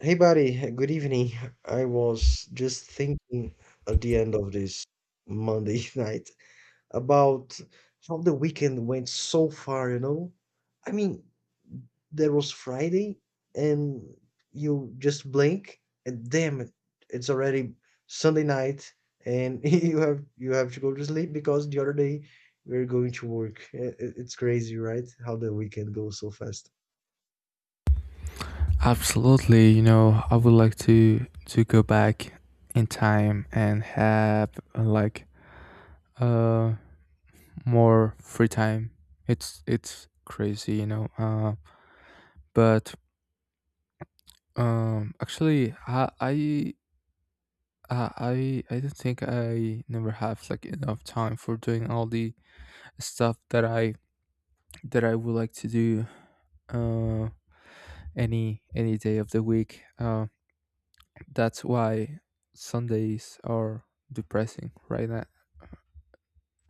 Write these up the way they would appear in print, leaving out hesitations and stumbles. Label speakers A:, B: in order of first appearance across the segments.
A: Hey, buddy, good evening. I was just thinking at the end of this Monday night about how the weekend went so far, you know? I mean, there was Friday, and you just blink, and damn it, it's already Sunday night, and you have to go to sleep because the other day we're going to work. It's crazy, right? How the weekend goes so fast.
B: Absolutely, you know, I would like to go back in time and have like uh more free time. It's crazy, you know. But actually, I don't think I never have like enough time for doing all the stuff that I would like to do. Uh, any day of the week. That's why Sundays are depressing right now,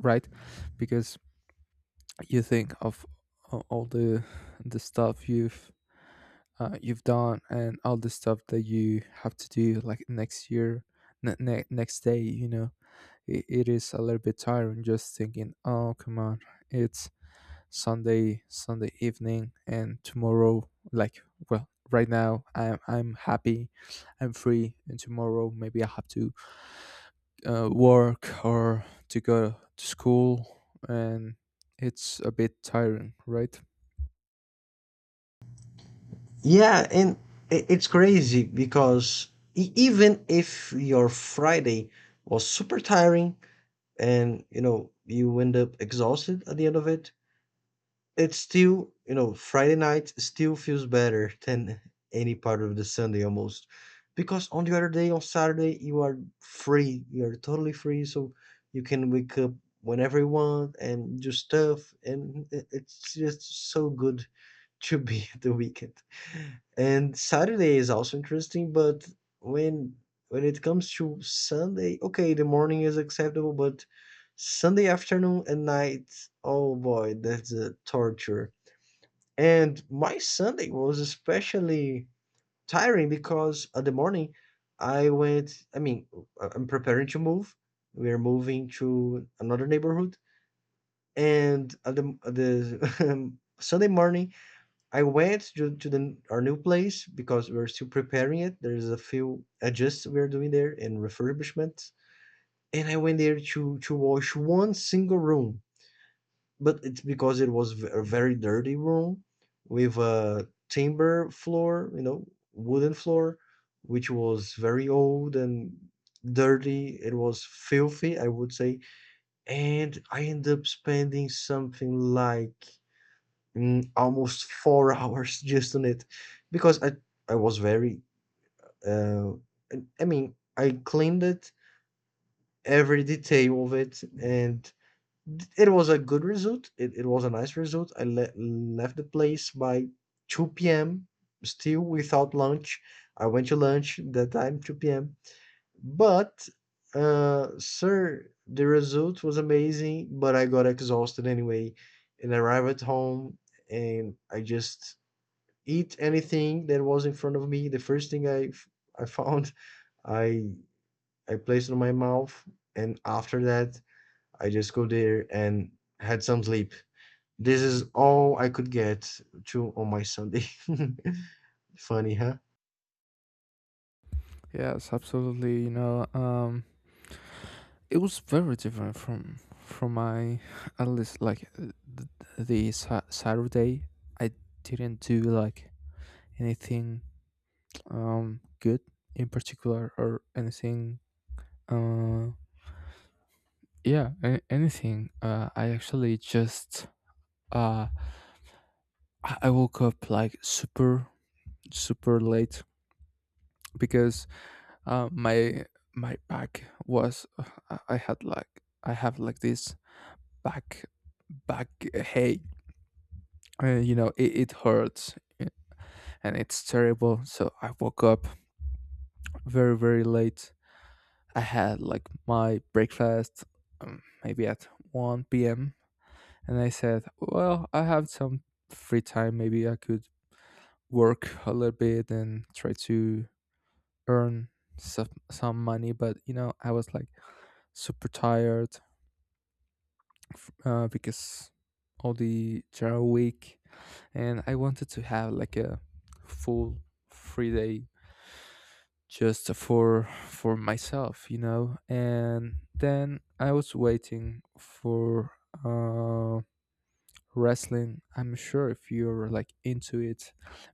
B: right? Because you think of all the stuff you've done and all the stuff that you have to do like next year, next day. You know, it is a little bit tiring just thinking, oh come on, it's Sunday evening and tomorrow. Like well, right now I'm happy, I'm free, and tomorrow maybe I have to work or to go to school and it's a bit tiring, right?
A: Yeah, and it's crazy because even if your Friday was super tiring and you end up exhausted at the end of it, it's still Friday night still feels better than any part of the Sunday almost. Because on the other day, on Saturday, you are free. You are totally free, so you can wake up whenever you want and do stuff, and it's just so good to be the weekend. And Saturday is also interesting, but when when it comes to Sunday, okay, the morning is acceptable, but Sunday afternoon and night, oh boy, that's a torture. And my Sunday was especially tiring because at the morning I went, I mean, I'm preparing to move. We are moving to another neighborhood, and at the Sunday morning I went to the our new place because we're still preparing it. There's a few adjusts we're doing there and refurbishments. And I went there to wash one single room, but it's because it was a very dirty room with a timber floor, you know, wooden floor, which was very old and dirty. It was filthy, I would say. And I ended up spending something like almost 4 hours just on it because I was very uh, I mean I cleaned it every detail of it, and it was a good result. It was a nice result. I left the place by 2 p.m., still without lunch. I went to lunch that time 2 p.m., but sir, the result was amazing, but I got exhausted anyway. And I arrived at home and I just eat anything that was in front of me. The first thing I found, I I placed it in my mouth, and after that, I just go there and had some sleep. This is all I could get to on my Sunday. Funny, huh?
B: Yes, absolutely, you know. It was very different from my at least like th- the Saturday. I didn't do like anything, good in particular or anything. Uh yeah a- anything I actually just uh i I woke up like super late because my my back was, I have like this back back hey you know, it hurts, and it's terrible, so I woke up very late. I had like my breakfast maybe at 1 p.m, and I said well, I have some free time, maybe I could work a little bit and try to earn some money, but you know, I was like super tired because all the Java week, and I wanted to have like a full free day just for myself, you know. And then I was waiting for uh, wrestling. I'm sure if you're like into it,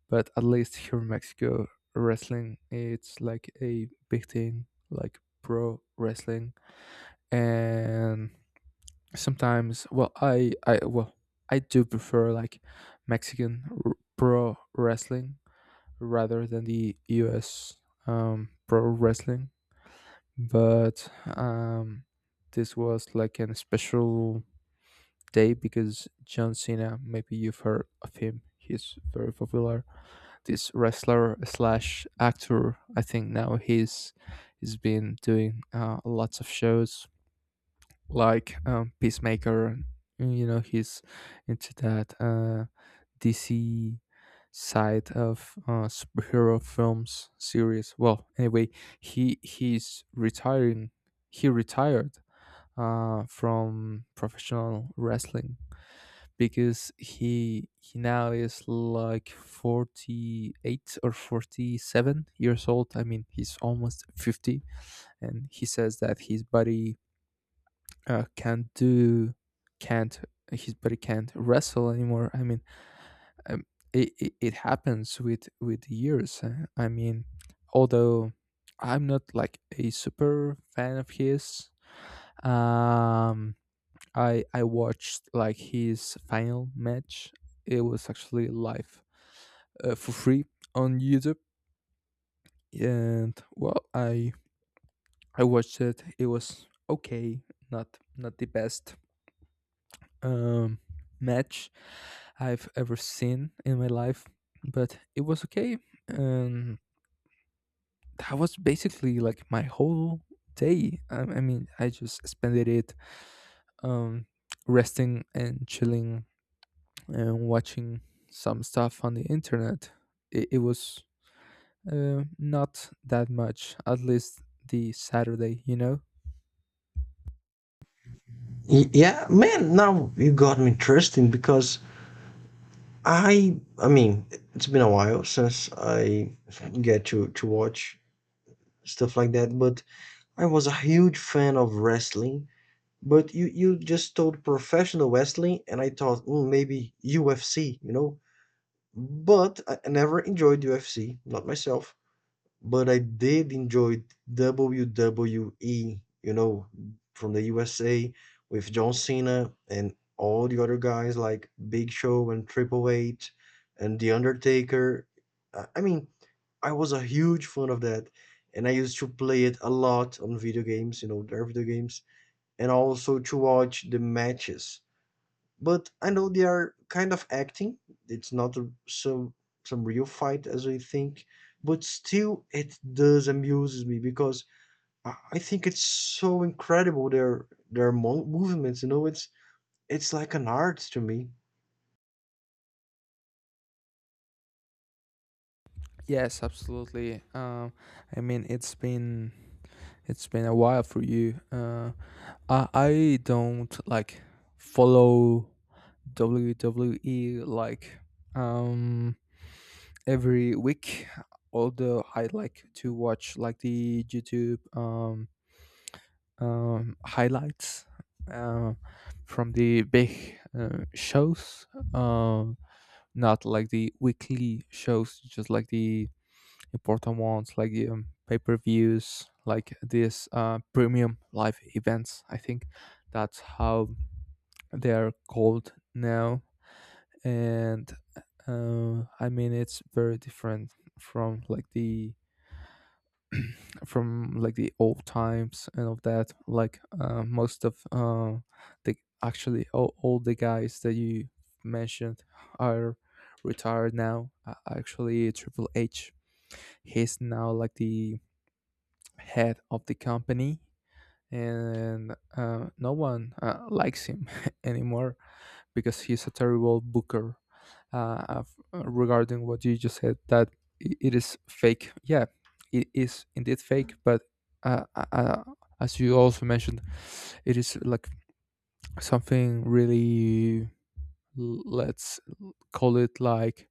B: but at least here in Mexico, wrestling it's like a big thing, like pro wrestling. And sometimes well, I do prefer like Mexican pro wrestling rather than the US pro wrestling. But um this was like an special day because John Cena, maybe you've heard of him, he's very popular. This wrestler slash actor, I think now he's been doing lots of shows like Peacemaker. You know, he's into that DC side of superhero films series. Well, anyway, he's retiring. He retired from professional wrestling because he now is like 48 or 47 years old. I mean, he's almost 50, and he says that his body uh, can't do can't, his body can't wrestle anymore. I mean, um, it happens with years. I mean, although I'm not like a super fan of his, um I watched like his final match. It was actually live, for free, on YouTube, and well, I watched it. It was okay, not not the best um, match I've ever seen in my life, but it was okay. And that was basically like my whole day. I mean, I just spent it um, resting and chilling and watching some stuff on the internet. It was not that much, at least the Saturday, you know?
A: Yeah, man, now you got me interesting because I mean, it's been a while since I get to watch stuff like that, but I was a huge fan of wrestling. But you just told professional wrestling, and I thought, "Ooh, maybe UFC," you know? But I never enjoyed UFC, not myself, but I did enjoy WWE, you know, from the USA with John Cena and all the other guys like Big Show and Triple H and The Undertaker. I mean, I was a huge fan of that, and I used to play it a lot on video games, you know, their video games, and also to watch the matches. But I know they are kind of acting. It's not some real fight as we think, but still it does amuses me because I think it's so incredible their movements. You know, it's like an art to me.
B: Yes, absolutely. I mean, it's been a while for you. I don't like follow WWE like um every week, although I like to watch like the YouTube highlights uh, from the big shows, um not like the weekly shows, just like the important ones like the pay-per-views, like this premium live events. I think that's how they are cold now. And I mean, it's very different from like the old times and of that. Like most of the actually all the guys that you mentioned are retired now. Actually, Triple H, he's now like the head of the company, and no one likes him anymore because he's a terrible booker. Regarding what you just said, that it is fake. Yeah, it is indeed fake, but uh, uh, uh, as you also mentioned, it is like something really, let's call it like,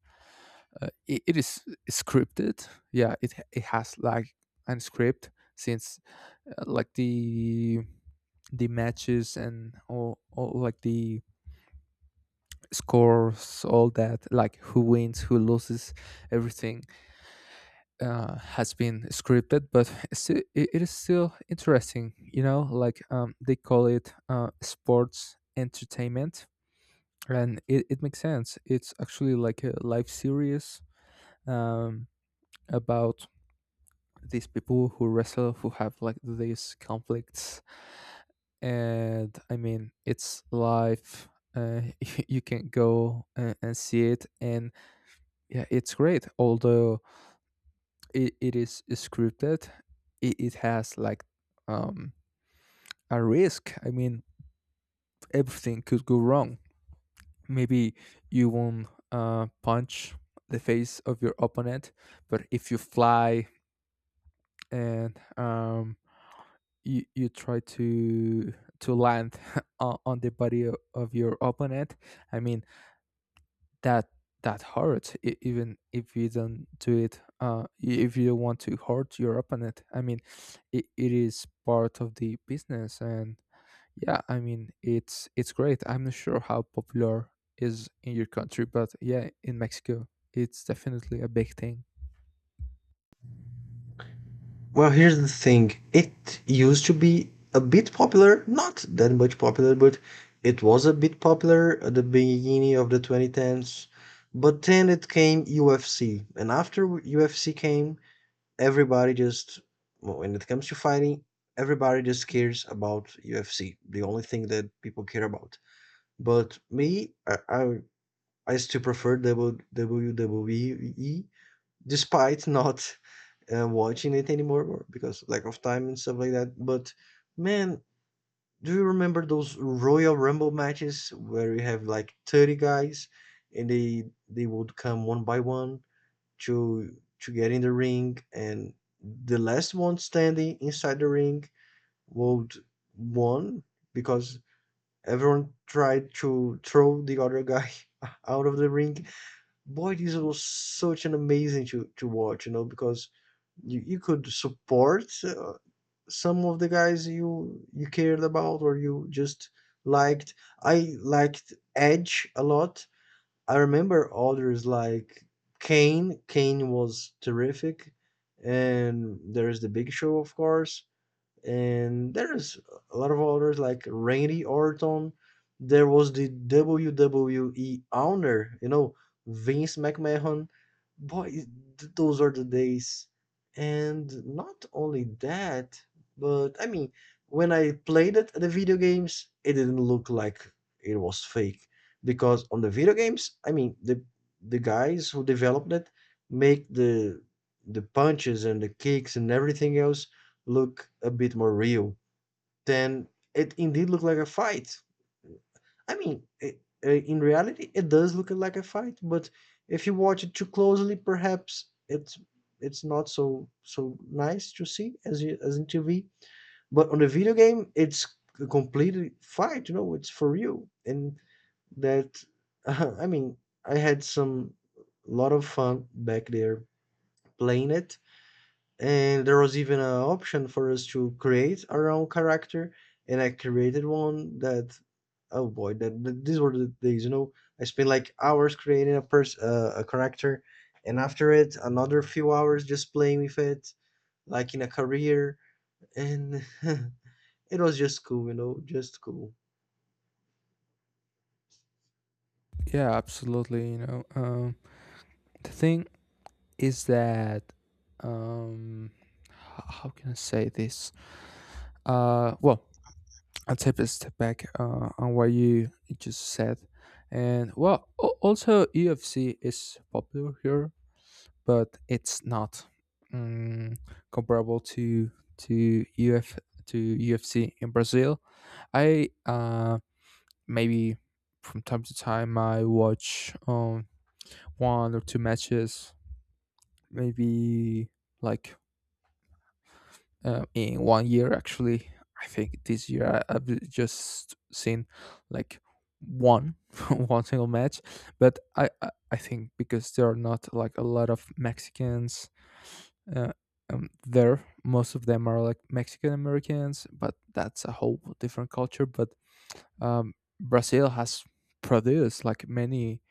B: it is scripted. Yeah, it has like an script since like the matches and all like the scores, all that, like who wins, who loses, everything has been scripted, but still, it is still interesting, you know, like they call it sports entertainment, and it makes sense. It's actually like a live series um, about these people who wrestle, who have like these conflicts, and I mean, it's live. uh, you can go and see it. And yeah, it's great. Although it is scripted, it has like um, a risk. I mean, everything could go wrong. Maybe you won't punch the face of your opponent, but if you fly and you, you try to land on the body of your opponent, I mean, that hurts, even if you don't do it. If you don't want to hurt your opponent, I mean, it is part of the business. And yeah, I mean, it's great. I'm not sure how popular is in your country, but yeah, in Mexico it's definitely a big thing.
A: Well, here's the thing. It used to be a bit popular, not that much popular, but it was a bit popular at the beginning of the 2010s. But then it came UFC, and after UFC came, everybody just, well, when it comes to fighting, everybody just cares about UFC, the only thing that people care about. But me, I still prefer WWE despite not watching it anymore because lack of time and stuff like that. But man, do you remember those Royal Rumble matches where you have like 30 guys, and they would come one by one to get in the ring, and the last one standing inside the ring would won because everyone tried to throw the other guy out of the ring. Boy, this was such an amazing to watch, you know, because you could support some of the guys you cared about or you just liked. I liked Edge a lot. I remember others like Kane. Kane was terrific. And there's the Big Show, of course. And there's a lot of others like Randy Orton. There was the WWE owner, you know, Vince McMahon. Boy, those are the days. And not only that, but I mean, when I played it, the video games, it didn't look like it was fake because on the video games, I mean, the guys who developed it make the punches and the kicks and everything else look a bit more real, then it indeed looked like a fight. I mean, I in reality, it does look like a fight, but if you watch it too closely, perhaps it's not so so nice to see as you, as in TV. But on the video game, it's a complete fight. You know, it's for real, and that I mean, I had some lot of fun back there playing it, and there was even an option for us to create our own character, and I created one that, oh boy, that these were the days, you know. I spent like hours creating a character, and after it, another few hours just playing with it, like in a career, and it was just cool, you know, just cool.
B: Yeah, absolutely, you know. The thing is that um how can I say this? Well, I'll take a step back on what you just said. And well, also, UFC is popular here, but it's not, mm, comparable to UF to UFC in Brazil. I Maybe from time to time I watch one or two matches, maybe like in 1 year. Actually, I think this year I've just seen like one one single match, but I think because there are not like a lot of Mexicans, uh, there most of them are like Mexican Americans, but that's a whole different culture. But um Brazil has produced like many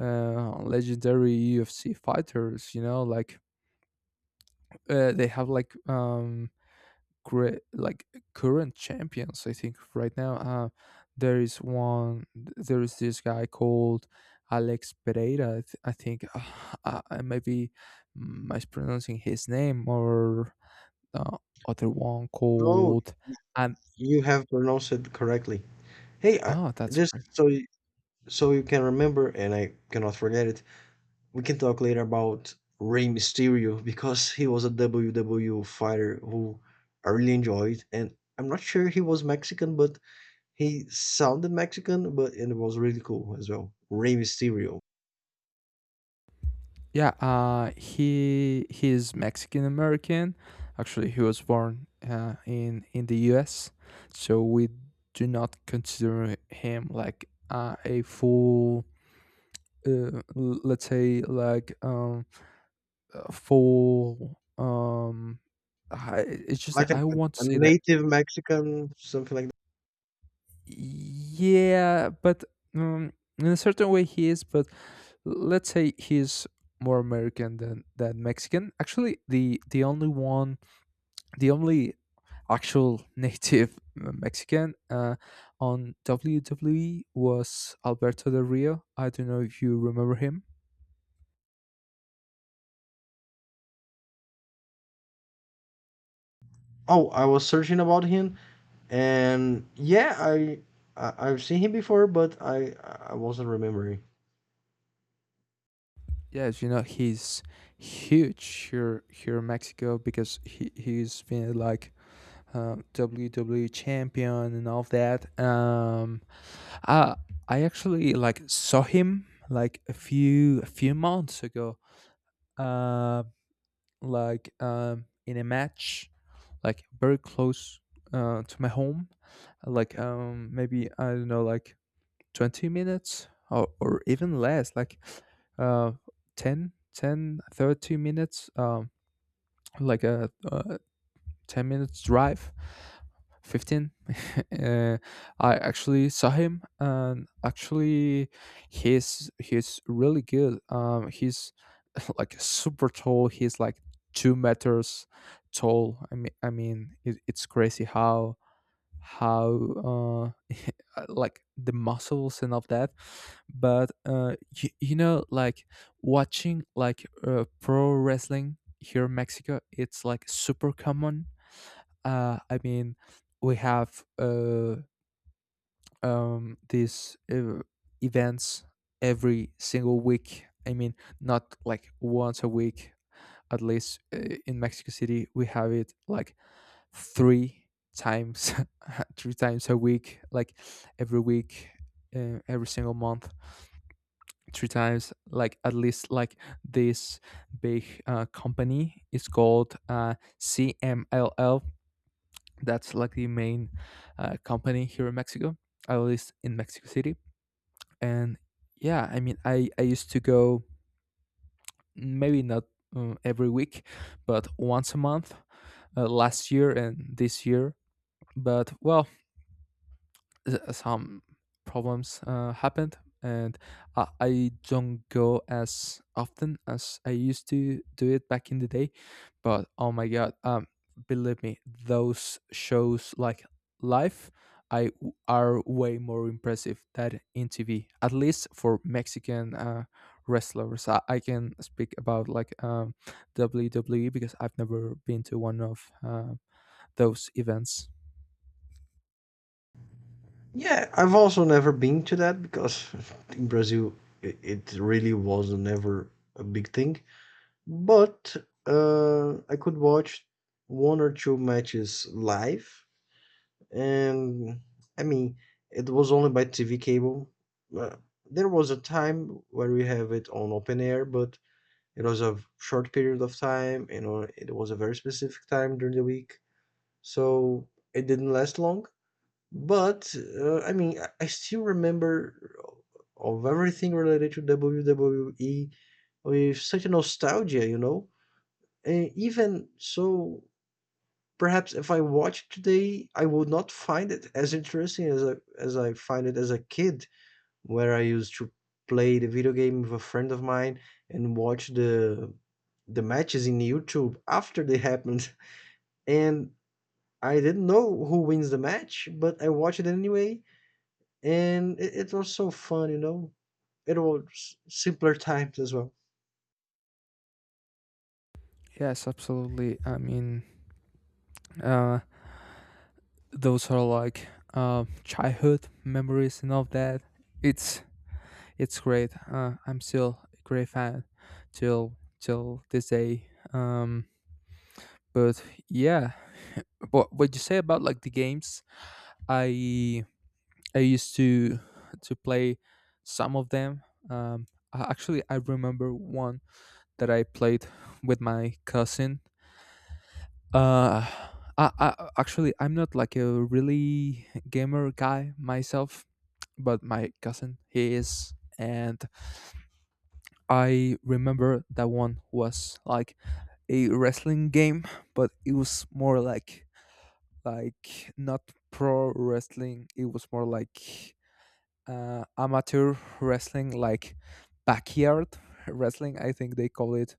B: legendary UFC fighters, you know, like they have like great, like, current champions. I think right now there is this guy called Alex Pereira, I think. I maybe mispronouncing his name, or uh, other one
A: No,
B: called, and
A: you have pronounced it correctly. Hey, I,
B: oh, that's
A: just
B: great.
A: so you can remember, and I cannot forget it. We can talk later about Rey Mysterio because he was a WWE fighter who I really enjoyed, and I'm not sure he was Mexican, but he sounded Mexican, but and it was really cool as well. Rey Mysterio,
B: Yeah, he, he's Mexican American. Actually, he was born in the US, so we do not consider him like a full, let's say like, full, I, it's just that
A: like an,
B: I
A: a
B: want to
A: a
B: say that,
A: native Mexican, something like that.
B: yeah, but um, in a certain way he is, but let's say he's more American than Mexican. Actually, the only one the only actual native Mexican on WWE was Alberto Del Rio. I don't know if you remember him.
A: Oh, I was searching about him, and yeah, I've seen him before, but I wasn't remembering.
B: Yes, you know, he's huge here in Mexico because he's been like WWE champion and all of that. Uh, I actually like saw him like a few months ago. Uh, like in a match, like very close to my home, like maybe I don't know, like 20 minutes, or even less, like uh 30 minutes, like uh, 10 minutes drive, 15. uh, I actually saw him, and actually he's really good. He's like super tall. He's like 2 meters tall. I mean, it, it's crazy how uh, like the muscles and all that. But you, you know, like, watching like pro wrestling here in Mexico, it's like super common. I mean, we have these events every single week. I mean, not like once a week. At least in Mexico City, we have it like three times, three times a week. Like every week, every single month, three times. Like at least like this big company is called CMLL. That's like the main company here in Mexico, at least in Mexico City. And yeah, I mean, I used to go, maybe not every week, but once a month, last year and this year. But well, some problems happened, and I don't go as often as I used to do it back in the day. But oh my god, believe me, those shows like live I w- are way more impressive than in TV, at least for Mexican wrestlers. I can speak about like WWE because I've never been to one of those events.
A: Yeah, I've also never been to that because in Brazil it really was never a big thing. But I could watch one or two matches live, and I mean it was only by TV cable. Uh, there was a time where we have it on open air, but it was a short period of time. You know, it was a very specific time during the week, so it didn't last long. But I mean, I still remember of everything related to WWE with such a nostalgia, you know. And even so, perhaps if I watch today, I would not find it as interesting as I find it as a kid, where I used to play the video game with a friend of mine and watch the matches in YouTube after they happened. And I didn't know who wins the match, but I watched it anyway, and it was so fun, you know. It was simpler times as well.
B: Yes, absolutely, I mean, uh, those are like childhood memories and all that. It's it's great. I'm still a great fan till this day. But yeah, what you say about like the games? I I used to play some of them. Um, actually, I remember one that I played with my cousin. Uh, I actually, I'm not like a really gamer guy myself, but my cousin he is, and I remember that one was like a wrestling game, but it was more like not pro wrestling. It was more like amateur wrestling, like backyard wrestling. I think they call it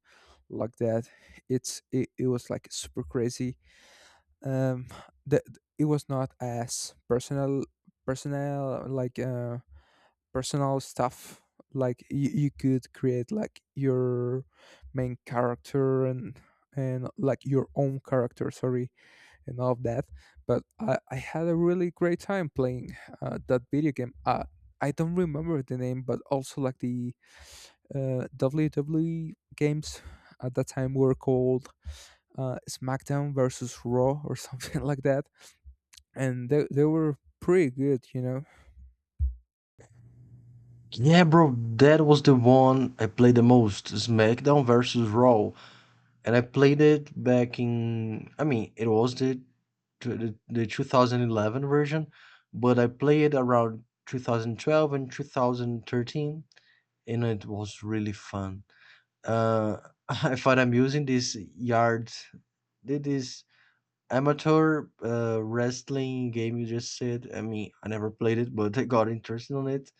B: like that. It was like super crazy. Um the It was not as personal, personal like uh personal stuff, like you could create like your main character and like your own character, sorry, and all of that. But I had a really great time playing that video game. I don't remember the name, but also like the WWE games at that time were called SmackDown versus Raw or something like that, and they were pretty good, you know.
A: Yeah, bro, that was the one I played the most, SmackDown versus Raw, and I played it back in. I mean, it was the 2011 version, but I played it around 2012 and 2013, and it was really fun. Uh, I thought I'm using this yard, this Amateur wrestling game, you just said. I mean, I never played it, but I got interested on it.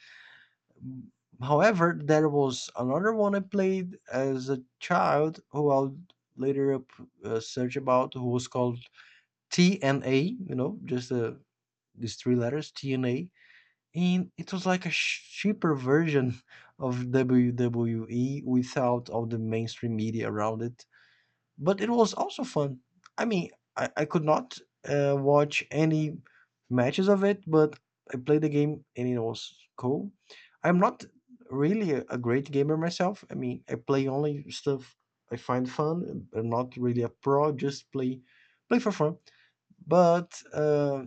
A: Mm, However, there was another one I played as a child who I'll later up, search about, who was called TNA, you know, just these three letters, TNA. And it was like a cheaper version of WWE without all the mainstream media around it, but it was also fun. I mean, I could not watch any matches of it, but I played the game and it was cool. I'm not really a great gamer myself. I mean, I play only stuff I find fun. I'm not really a pro, just play for fun. But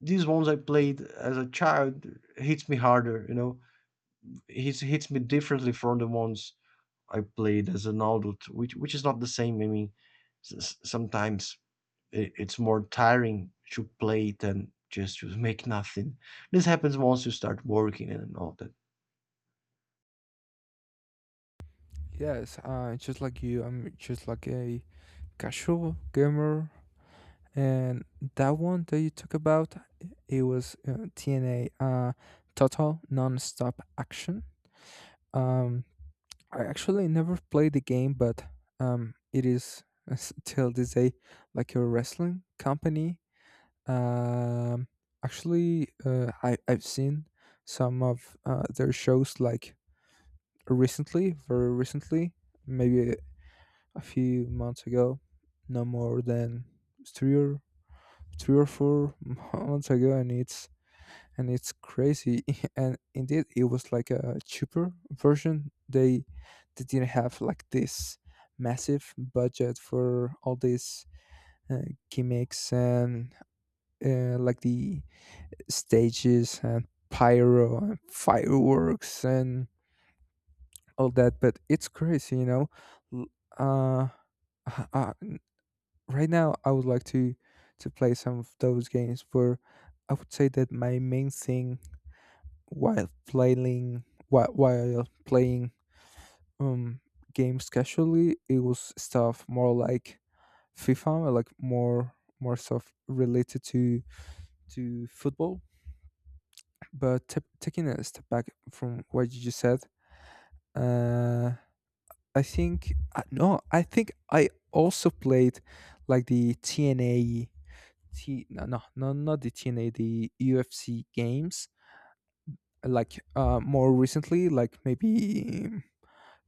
A: these ones I played as a child hits me harder, you know. It hits me differently from the ones I played as an adult, which is not the same. I mean, sometimes it's more tiring to play than just to make nothing. This happens once you start working and all that.
B: Yes, just like you, I'm just like a casual gamer. And that one that you talk about, it was TNA, total non-stop action. um I actually never played the game, but it is, till this day, like a wrestling company. Um actually I, I've seen some of their shows, like recently, very recently, maybe a few months ago, no more than three or four months ago, and it's crazy. And indeed, it was like a cheaper version. They didn't have like this massive budget for all these uh, gimmicks and like the stages and pyro and fireworks and all that, but it's crazy, you know. L- uh uh, n- right now I would like to play some of those games, but I would say that my main thing while playing um games casually, it was stuff more like FIFA, like more stuff related to football. But taking a step back from what you just said, uh I think no, I think I also played like the TNA. T no no no not the TNA, the UFC games, like more recently, like maybe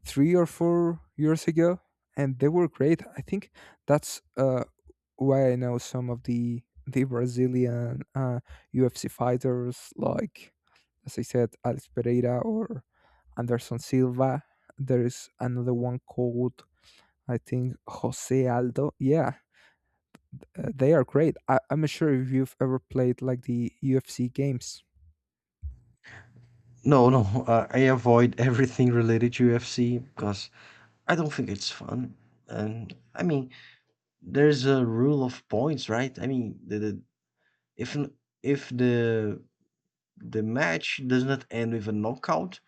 B: 3 or 4 years ago, and they were great. I think that's why I know some of the Brazilian UFC fighters, like, as I said, Alex Pereira or Anderson Silva. There is another one called, I think, Jose Aldo. Yeah, they are great. I'm not sure if you've ever played like the UFC games.
A: No, no, I avoid everything related to UFC because I don't think it's fun. And I mean, there's a rule of points, right? I mean, the if n- if the match does not end with a knockout,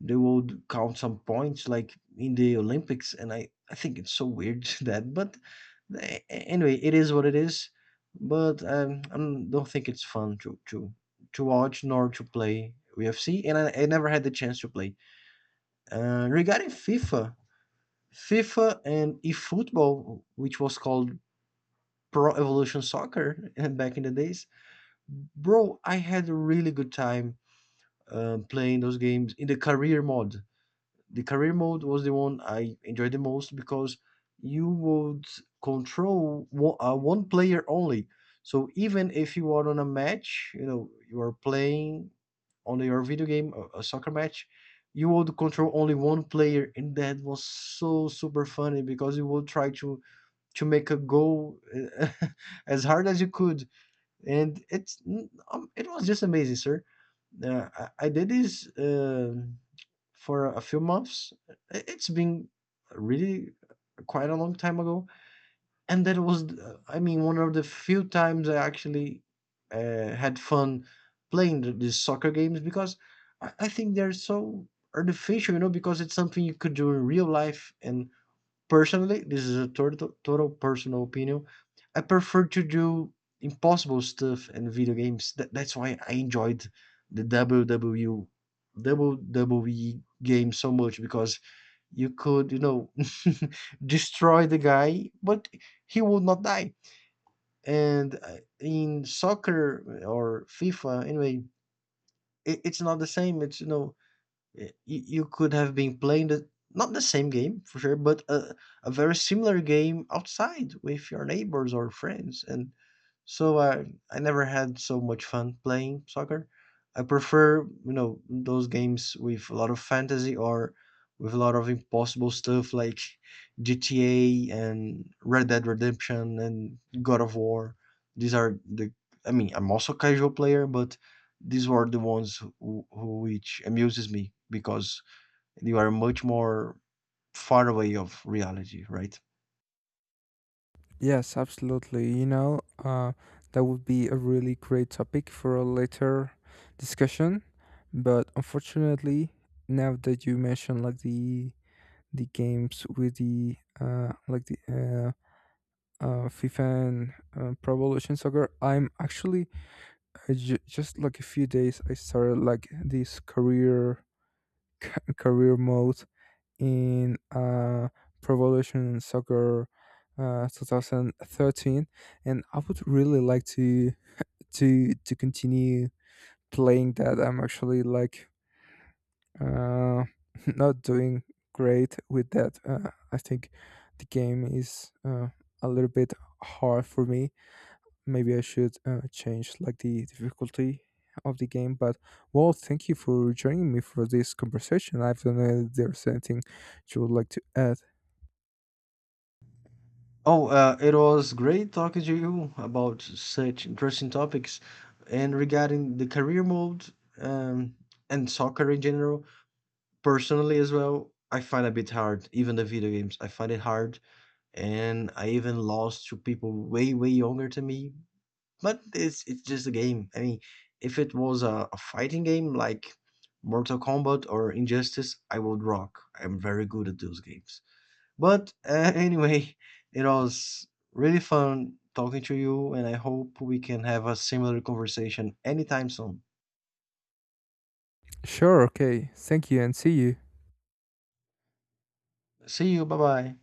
A: they would count some points like in the Olympics, and I think it's so weird that, but a anyway, it is what it is, but, I don't think it's fun to watch nor to play UFC, and I never had the chance to play. Regarding FIFA, and eFootball, which was called Pro Evolution Soccer back in the days, bro, I had a really good time, playing those games in the career mode. The career mode was the one I enjoyed the most because you would control one player only. So even if you are on a match, you know, you are playing on your video game, a soccer match, you would control only one player, and that was so super funny because you would try to make a goal uh, as hard as you could, and it was just amazing, sir. I did this for a few months. It's been really quite a long time ago, and that was, I mean, one of the few times I actually had fun playing these soccer games because I think they're so artificial, you know, because it's something you could do in real life. And personally, this is a total, total personal opinion. I prefer to do impossible stuff and video games. That's why I enjoyed the WWE game so much because you could, you know, destroy the guy, but he would not die. And in soccer or FIFA, anyway, it's not the same. It's you know Y- you could have been playing the not the same game for sure, but a very similar game outside with your neighbors or friends. And so I never had so much fun playing soccer. I prefer, those games with a lot of fantasy or with a lot of impossible stuff like GTA and Red Dead Redemption and God of War. These are the I mean, I'm also a casual player, but these were the ones who which amuses me because they are much more far away of reality, right?
B: Yes, absolutely. You know, that would be a really great topic for a later discussion. But unfortunately, now that you mentioned like the games with the FIFA and Pro Evolution Soccer, I'm actually just like a few days I started like this career mode in Pro Evolution Soccer 2013, and I would really like to to continue playing that. I'm actually like uh, not doing great with that. I think the game is a little bit hard for me. Maybe I should change like the difficulty of the game. But well, thank you for joining me for this conversation. I don't know if there's anything you would like to add.
A: Oh, it was great talking to you about such interesting topics, and regarding the career mode um, and soccer in general. Personally as well, I find a bit hard, even the video games, I find it hard, and I even lost to people way, way younger to me, but it's just a game. I mean, if it was a fighting game like Mortal Kombat or Injustice, I would rock. I'm very good at those games. But anyway, it was really fun talking to you, and I hope we can have a similar conversation anytime soon.
B: Sure, okay. Thank you and see you.
A: See you, bye bye.